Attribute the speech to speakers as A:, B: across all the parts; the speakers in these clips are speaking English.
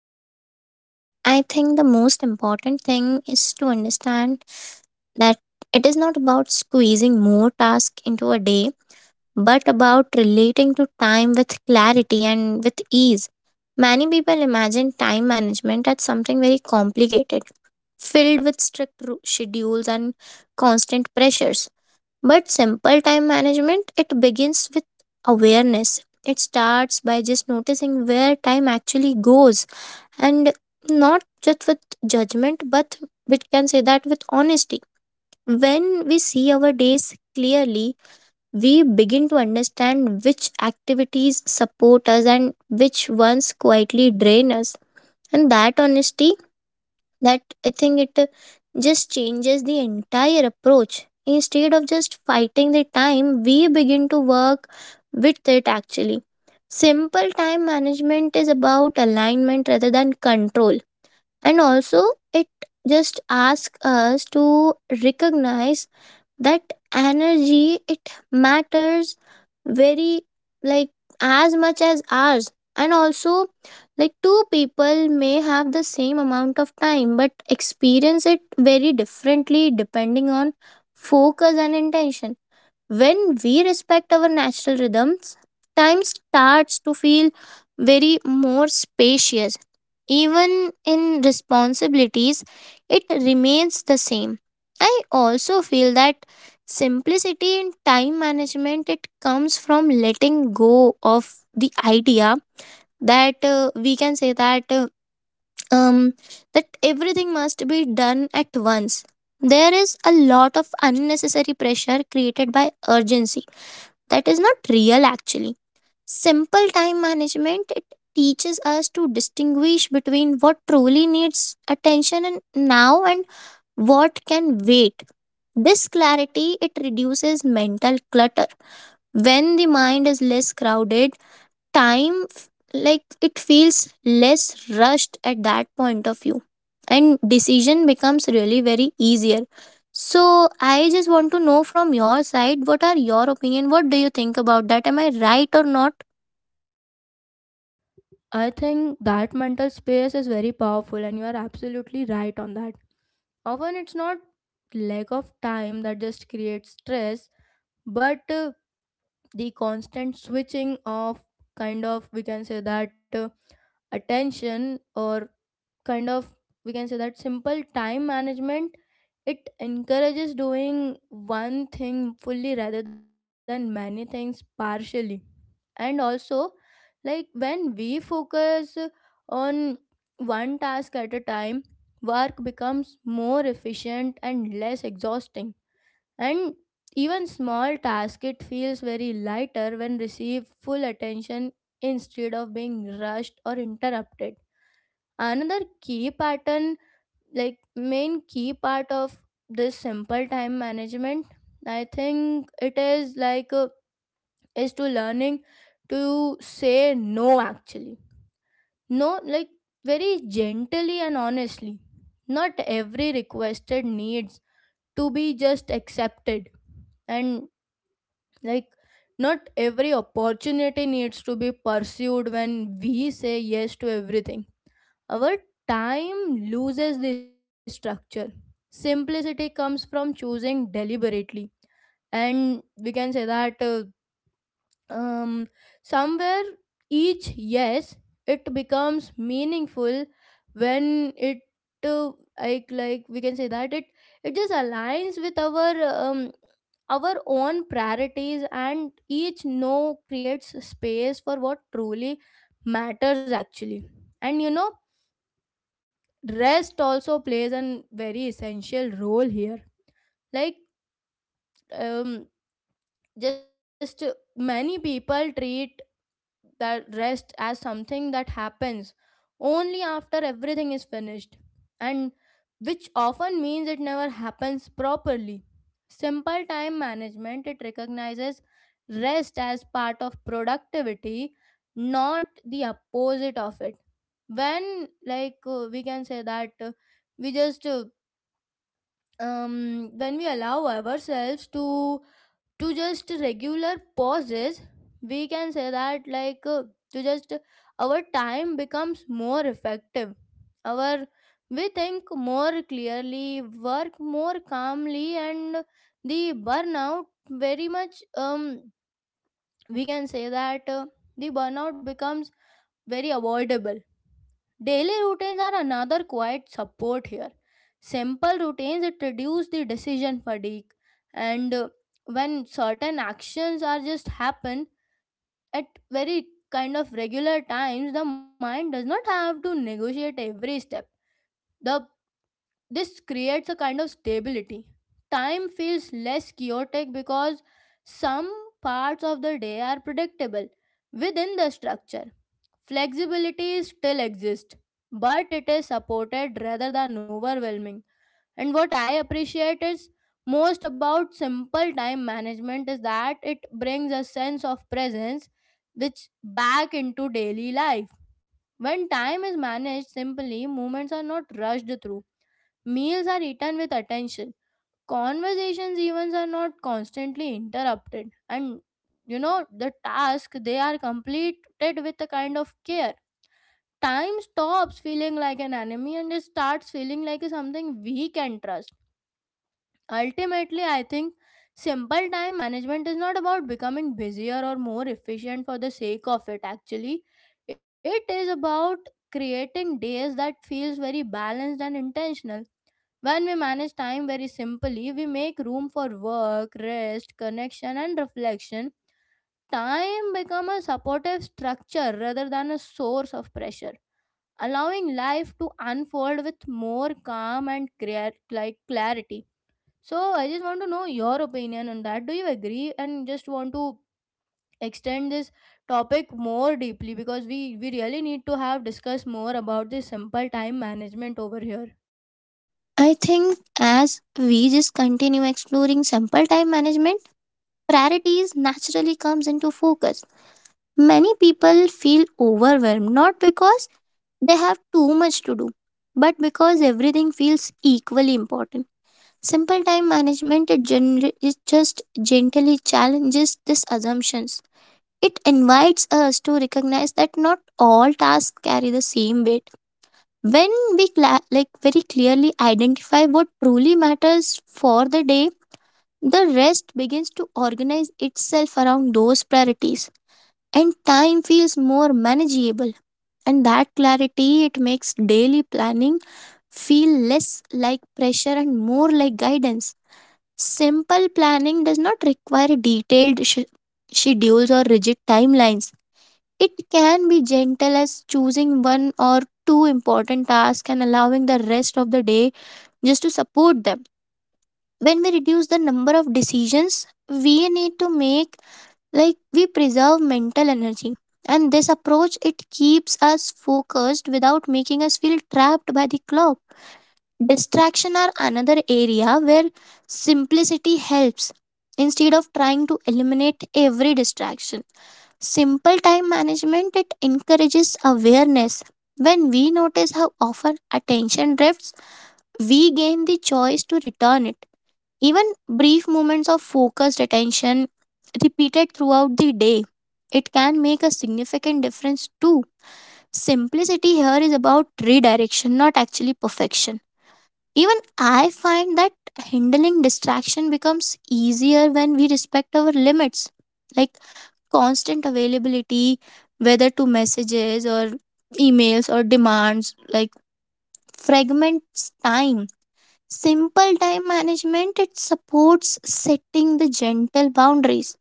A: time management, I think the most important thing is to understand that it is not about squeezing more tasks into a day, but about relating to time with clarity and with ease. Many people imagine time management as something very complicated, filled with strict schedules and constant pressures. But simple time management, it begins with awareness. It starts by just noticing where time actually goes and not just with judgment, but we can say that with honesty. When we see our days clearly, we begin to understand which activities support us and which ones quietly drain us. And that honesty that I think it just changes the entire approach. Instead of just fighting the time, we begin to work with it. Actually, simple time management is about alignment rather than control, and also it just asks us to recognize that energy it matters, very like as much as ours. And also, like, two people may have the same amount of time but experience it very differently depending on focus and intention. When we respect our natural rhythms, time starts to feel very more spacious. Even in responsibilities, it remains the same. I also feel that simplicity in time management it comes from letting go of the idea that we can say that um, that everything must be done at once. There is a lot of unnecessary pressure created by urgency that is not real, actually. Simple time management it teaches us to distinguish between what truly needs attention and now and what can wait. This clarity it reduces mental clutter. When the mind is less crowded, time f- like it feels less rushed at that point of view, and decision becomes really very easier. So I just want to know from your side, what are your opinion, what do you think about that, am I right or not?
B: I think that mental space is very powerful, and you are absolutely right on that. Often it's not lack of time that just creates stress, but the constant switching of kind of we can say that attention or kind of we can say that simple time management it encourages doing one thing fully rather than many things partially. And also, like when we focus on one task at a time, work becomes more efficient and less exhausting. And even small task it feels very lighter when receive full attention instead of being rushed or interrupted. Another key pattern like main key part of this simple time management I think it is like is to learning to say no actually, no, like very gently and honestly, not every requested needs to be just accepted and like not every opportunity needs to be pursued when we say yes to everything our time loses the structure. Simplicity comes from choosing deliberately. And we can say that um, somewhere each yes, it becomes meaningful when it uh, like we can say that it just aligns with our own priorities, and each no creates space for what truly matters actually. And you know, rest also plays an very essential role here, like um, just many people treat that rest as something that happens only after everything is finished, and which often means it never happens properly. Simple time management it recognizes rest as part of productivity, not the opposite of it. When like we can say that we just when we allow ourselves to just regular pauses, we can say that like to just our time becomes more effective, our we think more clearly, work more calmly, and the burnout very much we can say that the burnout becomes very avoidable. Daily routines are another quiet support here. Simple routines it reduce the decision fatigue, and when certain actions are just happen at very kind of regular times, the mind does not have to negotiate every step. The This creates a kind of stability. Time feels less chaotic because some parts of the day are predictable within the structure. Flexibility still exists, but it is supported rather than overwhelming. And what I appreciate is most about simple time management is that it brings a sense of presence which back into daily life. When time is managed simply, moments are not rushed through. Meals are eaten with attention. Conversations even are not constantly interrupted. And you know, the task they are completed with a kind of care. Time stops feeling like an enemy, and it starts feeling like something we can trust. Ultimately, I think simple time management is not about becoming busier or more efficient for the sake of it actually. It is about creating days that feels very balanced and intentional. When we manage time very simply, we make room for work, rest, connection and reflection. Time become a supportive structure rather than a source of pressure, allowing life to unfold with more calm and clear, like clarity. So I just want to know your opinion on that. Do you agree? And just want to extend this topic more deeply because we really need to have discuss more about this simple time management over here.
A: I think as we just continue exploring simple time management, priorities naturally comes into focus. Many people feel overwhelmed not because they have too much to do, but because everything feels equally important. Simple time management it, it just gently challenges these assumptions. It invites us to recognize that not all tasks carry the same weight. When like very clearly identify what truly matters for the day, the rest begins to organize itself around those priorities, and time feels more manageable. And that clarity it makes daily planning feel less like pressure and more like guidance. Simple planning does not require schedules or rigid timelines. It can be gentle as choosing one or two important tasks and allowing the rest of the day just to support them. When we reduce the number of decisions we need to make, like, we preserve mental energy. And this approach it keeps us focused without making us feel trapped by the clock. Distraction are another area where simplicity helps. Instead of trying to eliminate every distraction, simple time management it encourages awareness. When we notice how often attention drifts, we gain the choice to return it. Even brief moments of focused attention, repeated throughout the day, it can make a significant difference too. Simplicity here is about redirection, not actually perfection. Even I find that handling distraction becomes easier when we respect our limits. Like constant availability, whether to messages or emails or demands, like fragments time. Simple time management, it supports setting the gentle boundaries.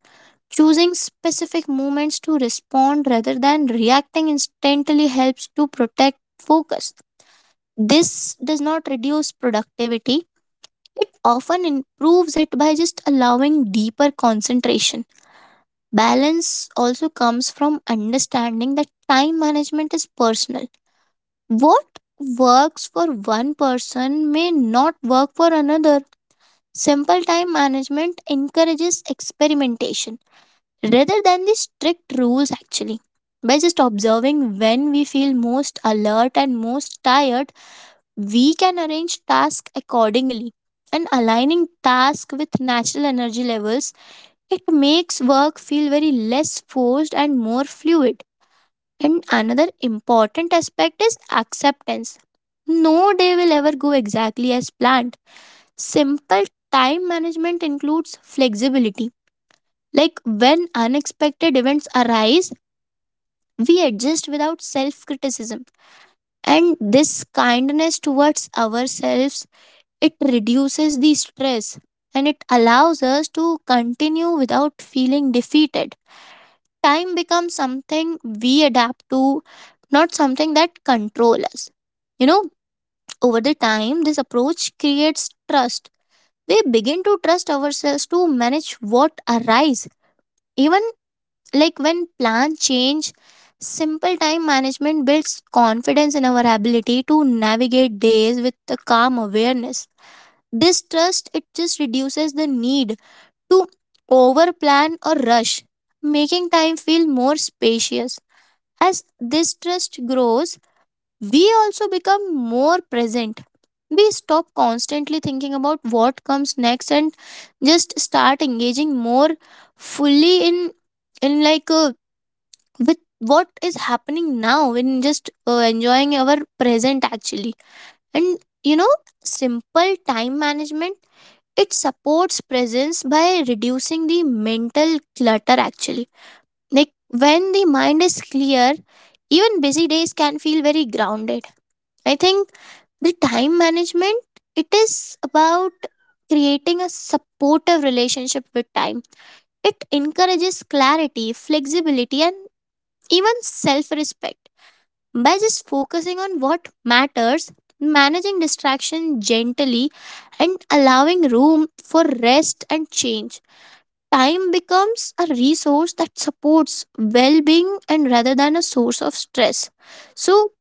A: Choosing specific moments to respond rather than reacting instantly helps to protect focus. This does not reduce productivity, it often improves it by just allowing deeper concentration. Balance also comes from understanding that time management is personal. What works for one person may not work for another. Simple time management encourages experimentation rather than the strict rules, actually. By just observing when we feel most alert and most tired, we can arrange tasks accordingly, and aligning tasks with natural energy levels it makes work feel very less forced and more fluid. And another important aspect is acceptance. No day will ever go exactly as planned. Simple time management includes flexibility. Like when unexpected events arise, we adjust without self criticism. And this kindness towards ourselves, it reduces the stress and it allows us to continue without feeling defeated. Time becomes something we adapt to, not something that controls us. You know, over the time, this approach creates trust. We begin to trust ourselves to manage what arise. Even like when plans change, simple time management builds confidence in our ability to navigate days with a calm awareness. This trust it just reduces the need to overplan or rush, making time feel more spacious. As this trust grows, we also become more present. We stop constantly thinking about what comes next and just start engaging more fully in like with what is happening now, in just enjoying our present, actually. And you know, simple time management it supports presence by reducing the mental clutter, actually. Like, when the mind is clear, even busy days can feel very grounded. I think the time management, it is about creating a supportive relationship with time. It encourages clarity, flexibility, and even self respect by just focusing on what matters, managing distraction gently, and allowing room for rest and change. Time becomes a resource that supports well being and rather than a source of stress. So,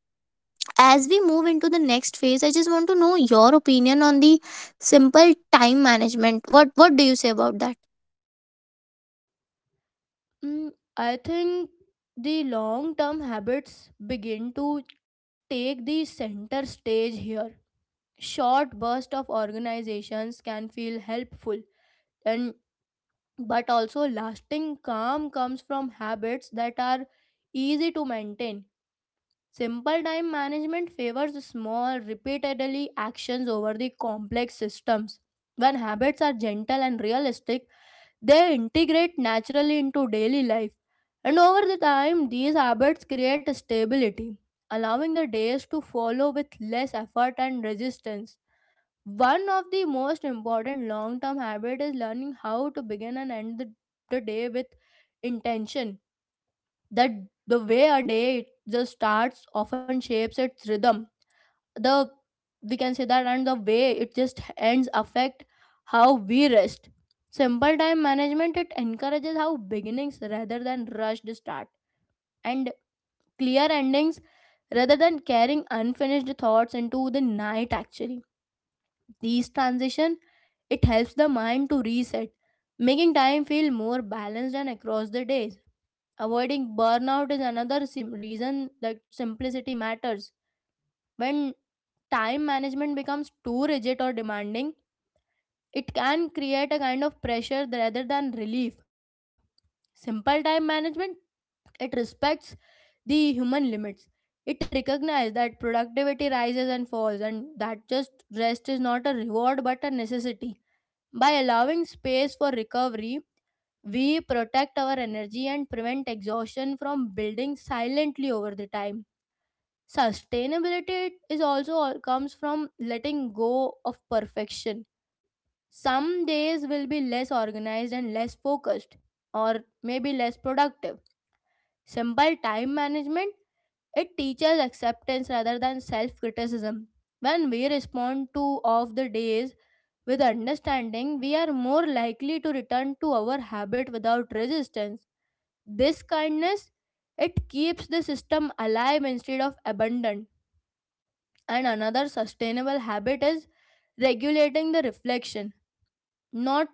A: as we move into the next phase, I just want to know your opinion on the simple time management. What do you say about that?
B: Mm, I think the long term habits begin to take the center stage here. Short burst of organizations can feel helpful, and but also lasting calm comes from habits that are easy to maintain. Simple time management favors small, repeatedly actions over the complex systems. When habits are gentle and realistic, they integrate naturally into daily life. And over the time, these habits create stability, allowing the days to follow with less effort and resistance. One of the most important long term habits is learning how to begin and end the day with intention. That the way a day just starts often shapes its rhythm, the we can say that, and the way it just ends affect how we rest. Simple time management it encourages how beginnings rather than rushed start, and clear endings rather than carrying unfinished thoughts into the night actually. These transition it helps the mind to reset, making time feel more balanced and across the days. Avoiding burnout is another reason that simplicity matters. When time management becomes too rigid or demanding, it can create a kind of pressure rather than relief. Simple time management, it respects the human limits. It recognizes that productivity rises and falls, and that just rest is not a reward but a necessity. By allowing space for recovery, we protect our energy and prevent exhaustion from building silently over the time. Sustainability is also all comes from letting go of perfection. Some days will be less organized and less focused, or maybe less productive. Simple time management it teaches acceptance rather than self-criticism. When we respond to off the days with understanding, we are more likely to return to our habit without resistance. This kindness it keeps the system alive instead of abandoned. And another sustainable habit is regulating the reflection, not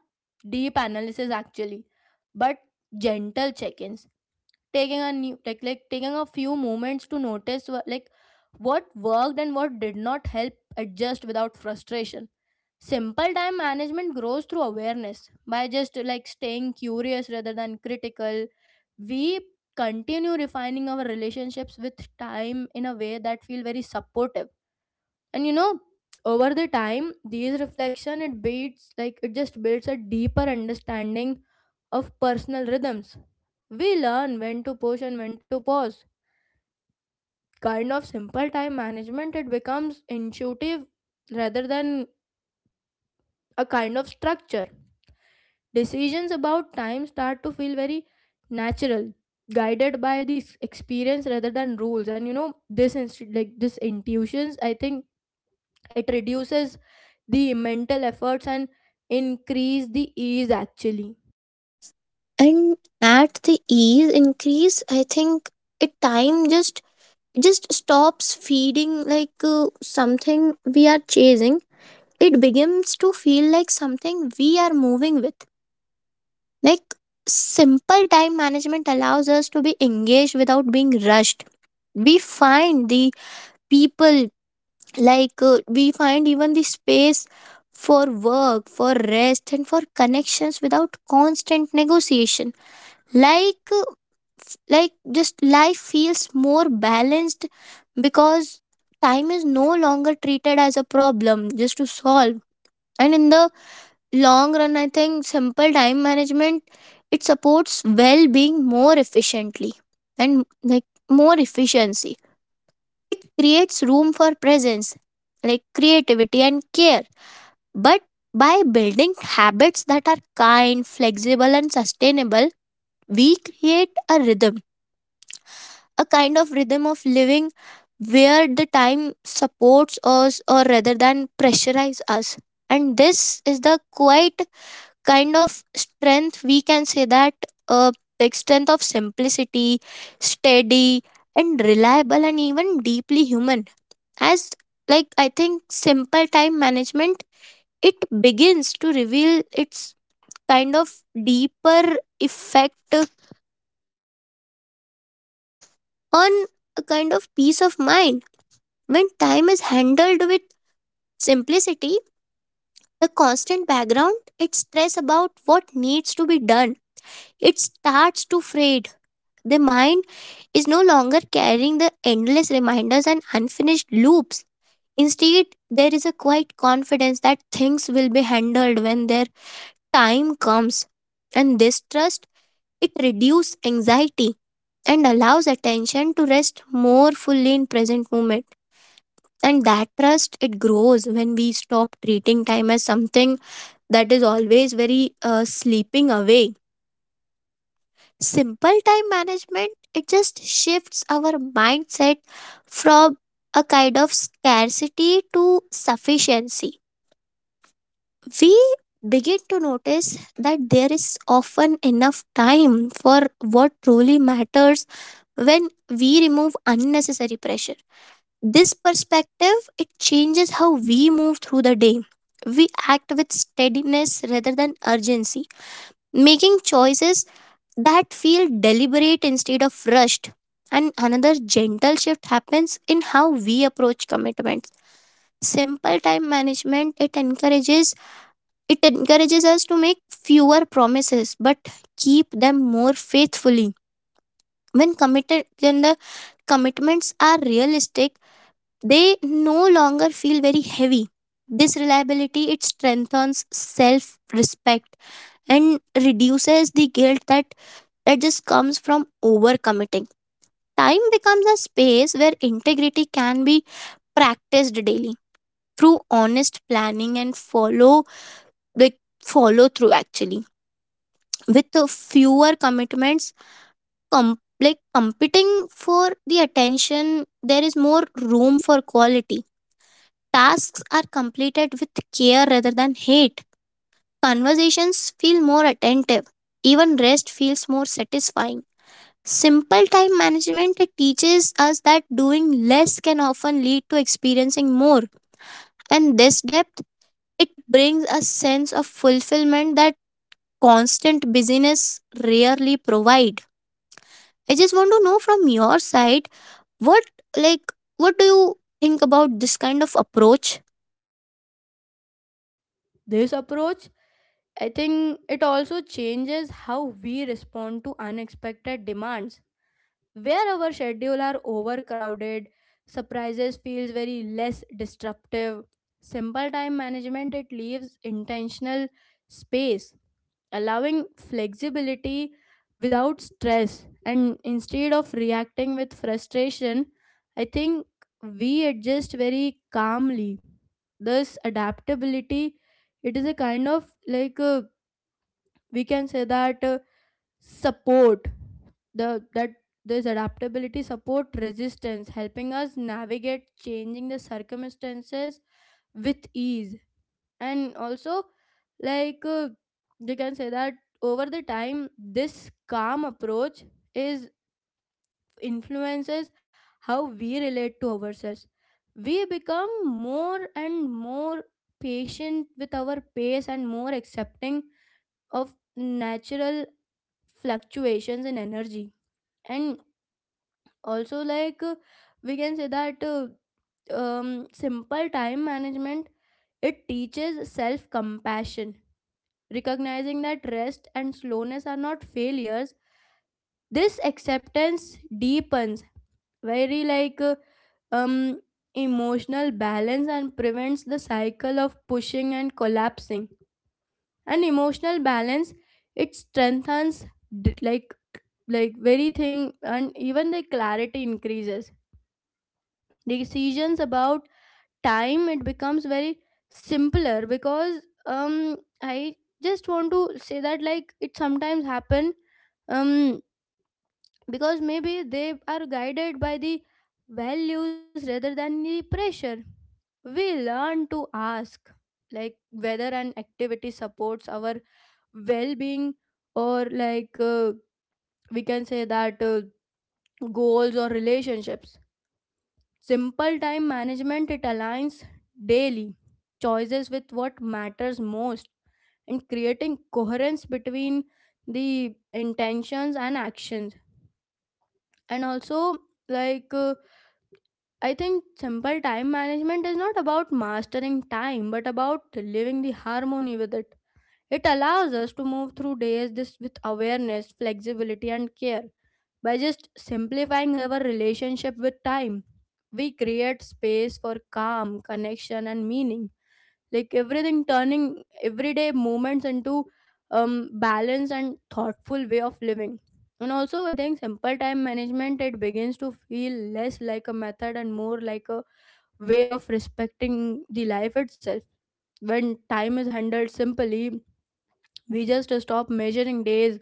B: deep analysis actually, but gentle check-ins. Taking a new like, taking a few moments to notice like what worked and what did not help adjust without frustration. Simple time management grows through awareness by just like staying curious rather than critical. We continue refining our relationships with time in a way that feel very supportive. And you know, over the time these reflection it builds like it just builds a deeper understanding of personal rhythms. We learn when to push and when to pause. Kind of simple time management it becomes intuitive rather than a kind of structure. Decisions about time start to feel very natural, guided by this experience rather than rules. And you know, this like this intuitions I think it reduces the mental efforts and increase the ease actually.
A: And at the ease increase, I think it time just stops feeding like something we are chasing. It begins to feel like something we are moving with. Like, simple time management allows us to be engaged without being rushed. We find the people, we find even the space for work, for rest, and for connections without constant negotiation. Like, uh, like just life feels more balanced because time is no longer treated as a problem just to solve. And in the long run, I think simple time management it supports well-being more efficiently. And like more efficiency creates room for presence, like creativity and care. But by building habits that are kind, flexible, and sustainable, we create a rhythm, a kind of rhythm of living where the time supports us or rather than pressurize us. And this is the quiet kind of strength, we can say that, uh, like, strength of simplicity, steady and reliable and even deeply human. As like I think simple time management it begins to reveal its kind of deeper effect on a kind of peace of mind. When time is handled with simplicity, the constant background its stress about what needs to be done, it starts to fray. The mind is no longer carrying the endless reminders and unfinished loops. Instead, there is a quiet confidence that things will be handled when their time comes. And this trust, it reduces anxiety and allows attention to rest more fully in present moment. And that trust, it grows when we stop treating time as something that is always very sleeping away. Simple time management it just shifts our mindset from a kind of scarcity to sufficiency. We begin to notice that there is often enough time for what truly matters when we remove unnecessary pressure. This perspective it changes how we move through the day. We act with steadiness rather than urgency, making choices that feel deliberate instead of rushed. And another gentle shift happens in how we approach commitments. Simple time management it encourages, it encourages us to make fewer promises but keep them more faithfully. When committed, when the commitments are realistic, they no longer feel very heavy. This reliability it strengthens self-respect and reduces the guilt that just comes from overcommitting. Time becomes a space where integrity can be practiced daily through honest planning and like follow through, actually. With the fewer commitments like competing for the attention, there is more room for quality. Tasks are completed with care rather than hate. Conversations feel more attentive, even rest feels more satisfying. Simple time management it teaches us that doing less can often lead to experiencing more. And this depth it brings a sense of fulfillment that constant busyness rarely provide. I just want to know from your side, what like what do you think about this kind of approach?
B: This approach I think it also changes how we respond to unexpected demands. Where our schedule are overcrowded, surprises feels very less disruptive. Simple time management it leaves intentional space, allowing flexibility without stress. And instead of reacting with frustration, I think we adjust very calmly. This adaptability, it is a kind of like we can say that support the that this adaptability support resistance, helping us navigate changing the circumstances with ease. And also, like you can say that over the time this calm approach is influences how we relate to ourselves. We become more and more patient with our pace, and more accepting of natural fluctuations in energy. And also like we can say that simple time management it teaches self compassion, recognizing that rest and slowness are not failures. This acceptance deepens very like um emotional balance, and prevents the cycle of pushing and collapsing. And emotional balance it strengthens d- like like very thing, and even the clarity increases. Decisions about time it becomes very simpler because um I just want to say that like it sometimes happen, um because maybe they are guided by the values rather than the pressure. We learn to ask like whether an activity supports our well-being, or like we can say that goals or relationships. Simple time management it aligns daily choices with what matters most, and creating coherence between the intentions and actions. And also, like, I think simple time management is not about mastering time but about living the harmony with it. It allows us to move through days this with awareness, flexibility, and care. By just simplifying our relationship with time, we create space for calm, connection, and meaning. Like everything turning everyday moments into balance and thoughtful way of living. And also, I think simple time management it begins to feel less like a method and more like a way of respecting the life itself. When time is handled simply, we just stop measuring days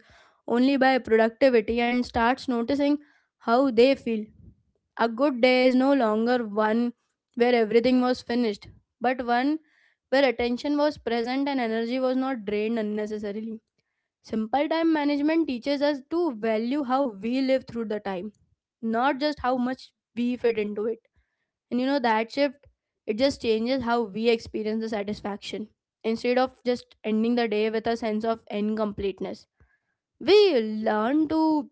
B: only by productivity and starts noticing how they feel. A good day is no longer one where everything was finished, but one where attention was present and energy was not drained unnecessarily. Simple time management teaches us to value how we live through the time, not just how much we fit into it. And you know, that shift, it just changes how we experience the satisfaction. Instead of just ending the day with a sense of incompleteness, we learn to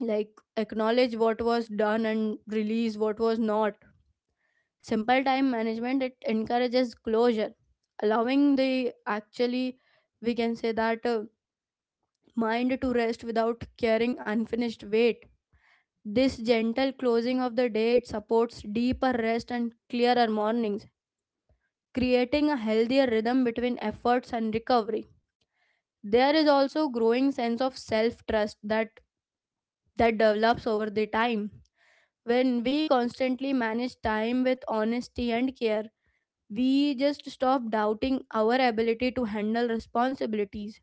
B: like acknowledge what was done and release what was not. Simple time management, it encourages closure, allowing the actually, we can say that mind to rest without carrying unfinished weight. This gentle closing of the day, it supports deeper rest and clearer mornings, creating a healthier rhythm between efforts and recovery. There is also growing sense of self trust that develops over the time. When we constantly manage time with honesty and care, we just stop doubting our ability to handle responsibilities.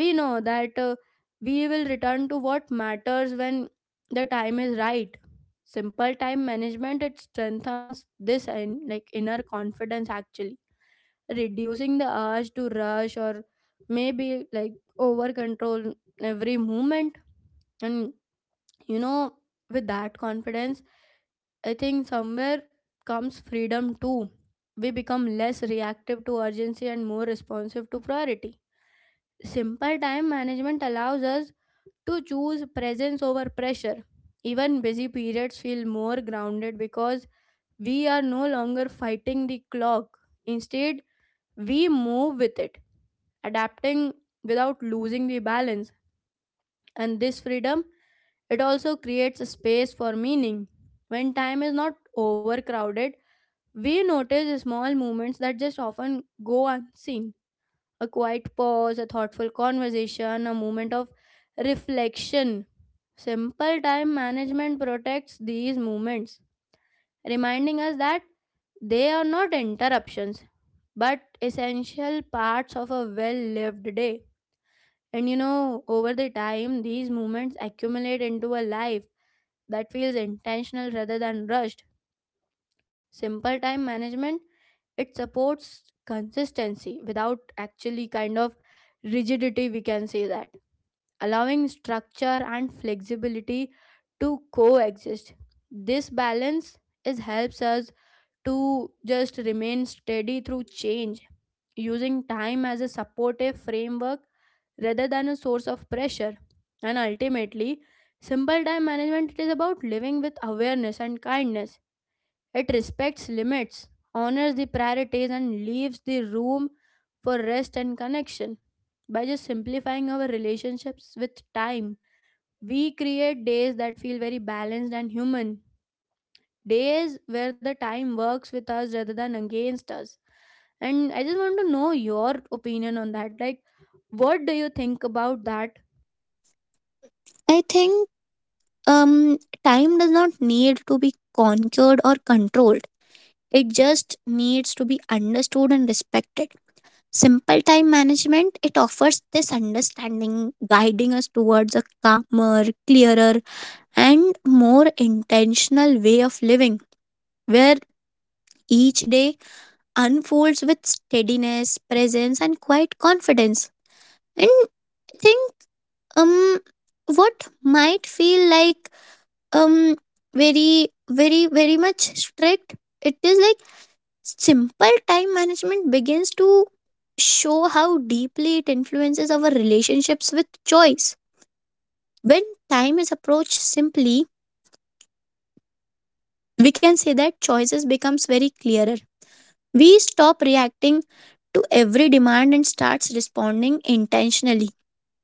B: We know that we will return to what matters when the time is right. Simple time management, it strengthens this and, like, inner confidence, actually reducing the urge to rush or maybe, like, over control every movement. And, you know, with that confidence, I think somewhere comes freedom too. We become less reactive to urgency and more responsive to priority. Simple time management allows us to choose presence over pressure. Even busy periods feel more grounded because we are no longer fighting the clock. Instead, we move with it, adapting without losing the balance. And this freedom, it also creates a space for meaning. When time is not overcrowded, we notice small moments that just often go unseen. A quiet pause, a thoughtful conversation, a moment of reflection. Simple time management protects these moments, reminding us that they are not interruptions but essential parts of a well lived day. And you know, over the time, these moments accumulate into a life that feels intentional rather than rushed. Simple time management, it supports consistency without actually kind of rigidity, we can say that, allowing structure and flexibility to coexist. This balance is helps us to just remain steady through change, using time as a supportive framework rather than a source of pressure. And ultimately, simple time management, it is about living with awareness and kindness. It respects limits, honors the priorities, and leaves the room for rest and connection. By just simplifying our relationships with time, we create days that feel very balanced and human, days where the time works with us rather than against us. And I just want to know your opinion on that, like, what do you think about that?
A: I think time does not need to be conquered or controlled. It just needs to be understood and respected. Simple time management, it offers this understanding, guiding us towards a calmer, clearer, and more intentional way of living, where each day unfolds with steadiness, presence, and quiet confidence. And I think, um what might feel like, um very very very much strict, it is like simple time management begins to show how deeply it influences our relationships with choice. When time is approached simply, we can say that choices becomes very clearer. We stop reacting to every demand and starts responding intentionally.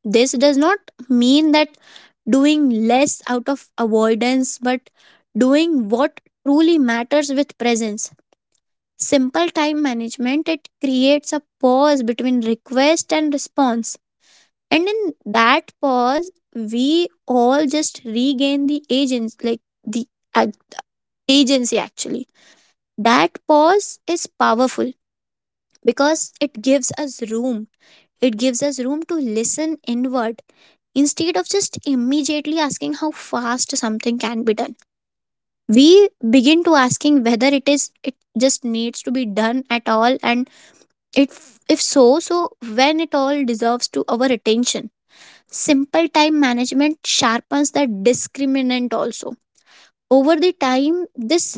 A: This does not mean that doing less out of avoidance, but doing what truly matters with presence. Simple time management, it creates a pause between request and response, and in that pause we all just regain the agents, like the ag- agency actually. That pause is powerful because it gives us room, it gives us room to listen inward. Instead of just immediately asking how fast something can be done, we begin to asking whether it is it just needs to be done at all. And if so, so when it all deserves to our attention. Simple time management sharpens the discriminant also. Over the time, this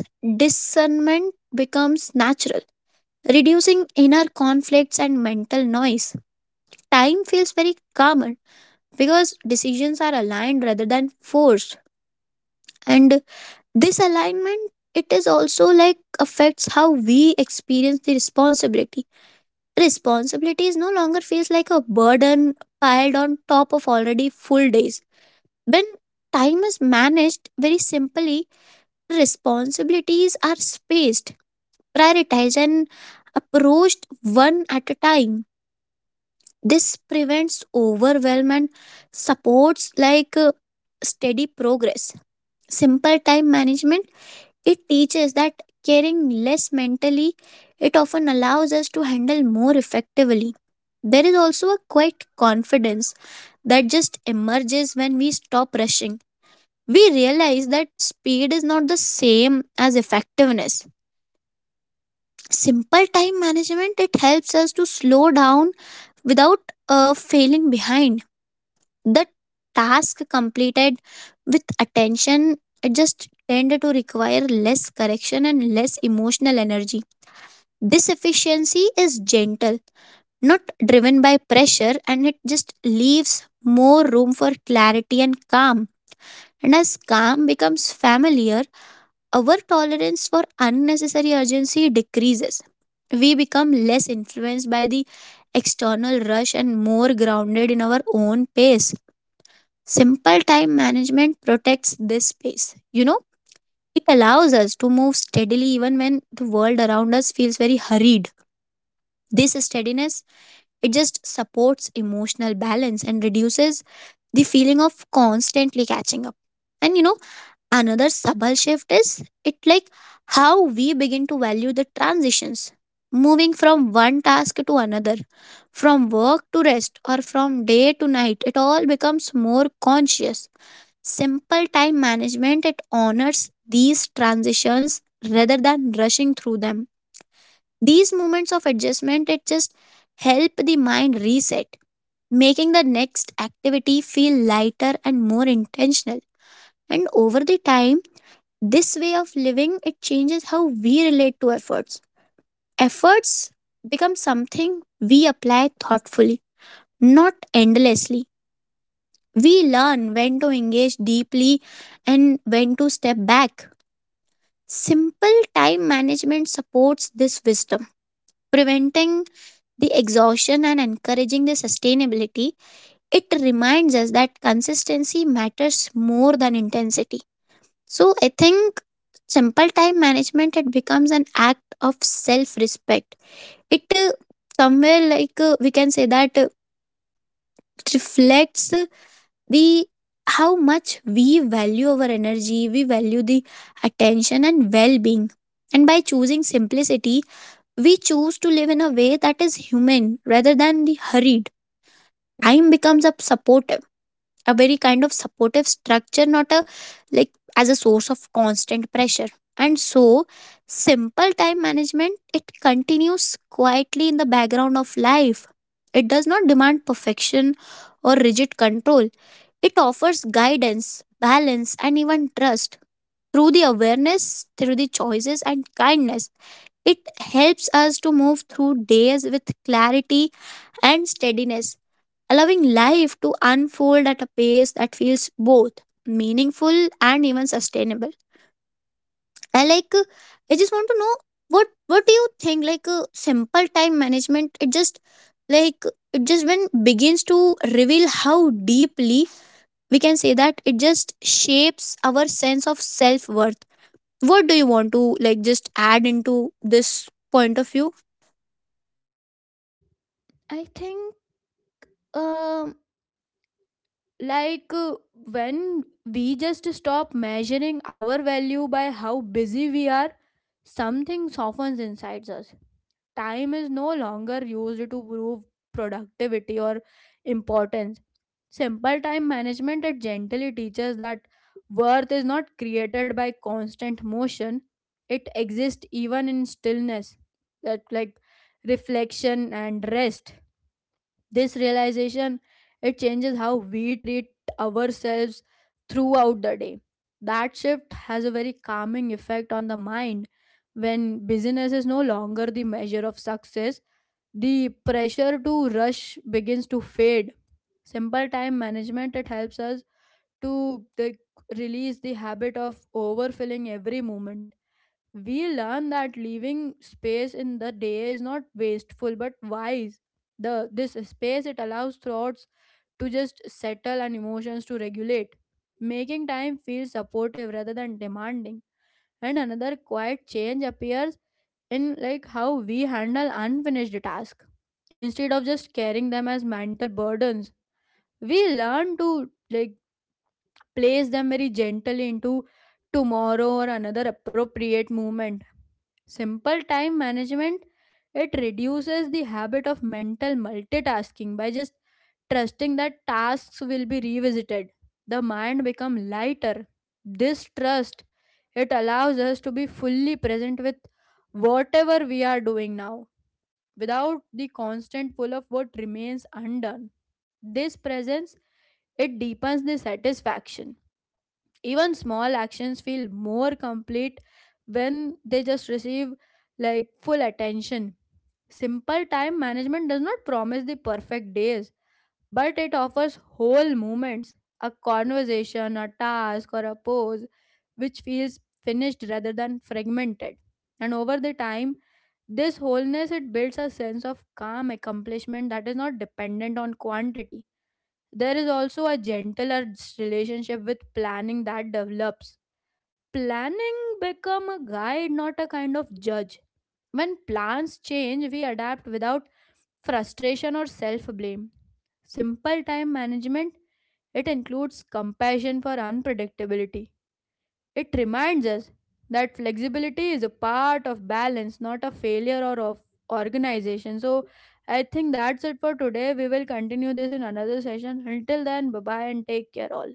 A: discernment becomes natural, reducing inner conflicts and mental noise. Time feels very calmer because decisions are aligned rather than forced. And this alignment, it is also like affects how we experience the responsibility. Responsibilities no longer feels like a burden piled on top of already full days. When time is managed very simply, responsibilities are spaced, prioritized, and approached one at a time. This prevents overwhelm and supports steady progress. Simple time management, it teaches that caring less mentally, it often allows us to handle more effectively. There is also a quiet confidence that just emerges when we stop rushing. We realize that speed is not the same as effectiveness. Simple time management, it helps us to slow down without failing behind. The task completed with attention, it just tended to require less correction and less emotional energy. This efficiency is gentle, not driven by pressure, and it just leaves more room for clarity and calm. And as calm becomes familiar, our tolerance for unnecessary urgency decreases. We become less influenced by the external rush and more grounded in our own pace. Simple time management protects this space. It allows us to move steadily even when the world around us feels very hurried. This steadiness, it just supports emotional balance and reduces the feeling of constantly catching up. And another subtle shift is it like how we begin to value the transitions, moving from one task to another, from work to rest, or from day to night. It all becomes more conscious. Simple time management, it honors these transitions rather than rushing through them. These moments of adjustment, it just help the mind reset, making the next activity feel lighter and more intentional. And over the time, this way of living it changes how we relate to efforts. Efforts become something we apply thoughtfully, not endlessly. We learn when to engage deeply and when to step back. Simple time management supports this wisdom, preventing the exhaustion and encouraging the sustainability. It reminds us that consistency matters more than intensity. So I think simple time management, it becomes an act of self respect. It somewhere we can say that it reflects the how much we value our energy, we value the attention and well being. And by choosing simplicity, we choose to live in a way that is human rather than the hurried. Time becomes a support, a very kind of supportive structure, not a like, as a source of constant pressure. And so simple time management, it continues quietly in the background of life. It does not demand perfection or rigid control. It offers guidance, balance, and even trust. Through the awareness, through the choices and kindness, it helps us to move through days with clarity and steadiness, allowing life to unfold at a pace that feels both meaningful and even sustainable. I I just want to know what do you think, like simple time management, it just like, it just when begins to reveal how deeply, we can say that it just shapes our sense of self-worth. What do you want to like just add into this point of view?
B: I think, um like, when we just stop measuring our value by how busy we are, something softens inside us. Time is no longer used to prove productivity or importance. Simple time management, it gently teaches that worth is not created by constant motion. It exists even in stillness, that like reflection and rest. This realization, it changes how we treat ourselves throughout the day. That shift has a very calming effect on the mind when busyness is no longer the measure of success. The pressure to rush begins to fade. Simple time management, it helps us to, like, release the habit of overfilling every moment. We learn that leaving space in the day is not wasteful but wise. The this space, it allows thoughts to just settle and emotions to regulate, making time feel supportive rather than demanding. And another quiet change appears in like how we handle unfinished tasks. Instead of just carrying them as mental burdens, we learn to, like, place them very gently into tomorrow or another appropriate moment. Simple time management, it reduces the habit of mental multitasking by just trusting that tasks will be revisited. The mind become lighter. This trust, it allows us to be fully present with whatever we are doing now, without the constant pull of what remains undone. This presence, it deepens the satisfaction. Even small actions feel more complete when they just receive like full attention. Simple time management does not promise the perfect days, but it offers whole moments, a conversation, a task, or a pose, which feels finished rather than fragmented. And over the time, this wholeness, it builds a sense of calm accomplishment that is not dependent on quantity. There is also a gentler relationship with planning that develops. Planning become a guide, not a kind of judge. When plans change, we adapt without frustration or self-blame. Simple time management, it includes compassion for unpredictability. It reminds us that flexibility is a part of balance, not a failure or of organization. So I think that's it for today. We will continue this in another session. Until then, bye bye and take care all.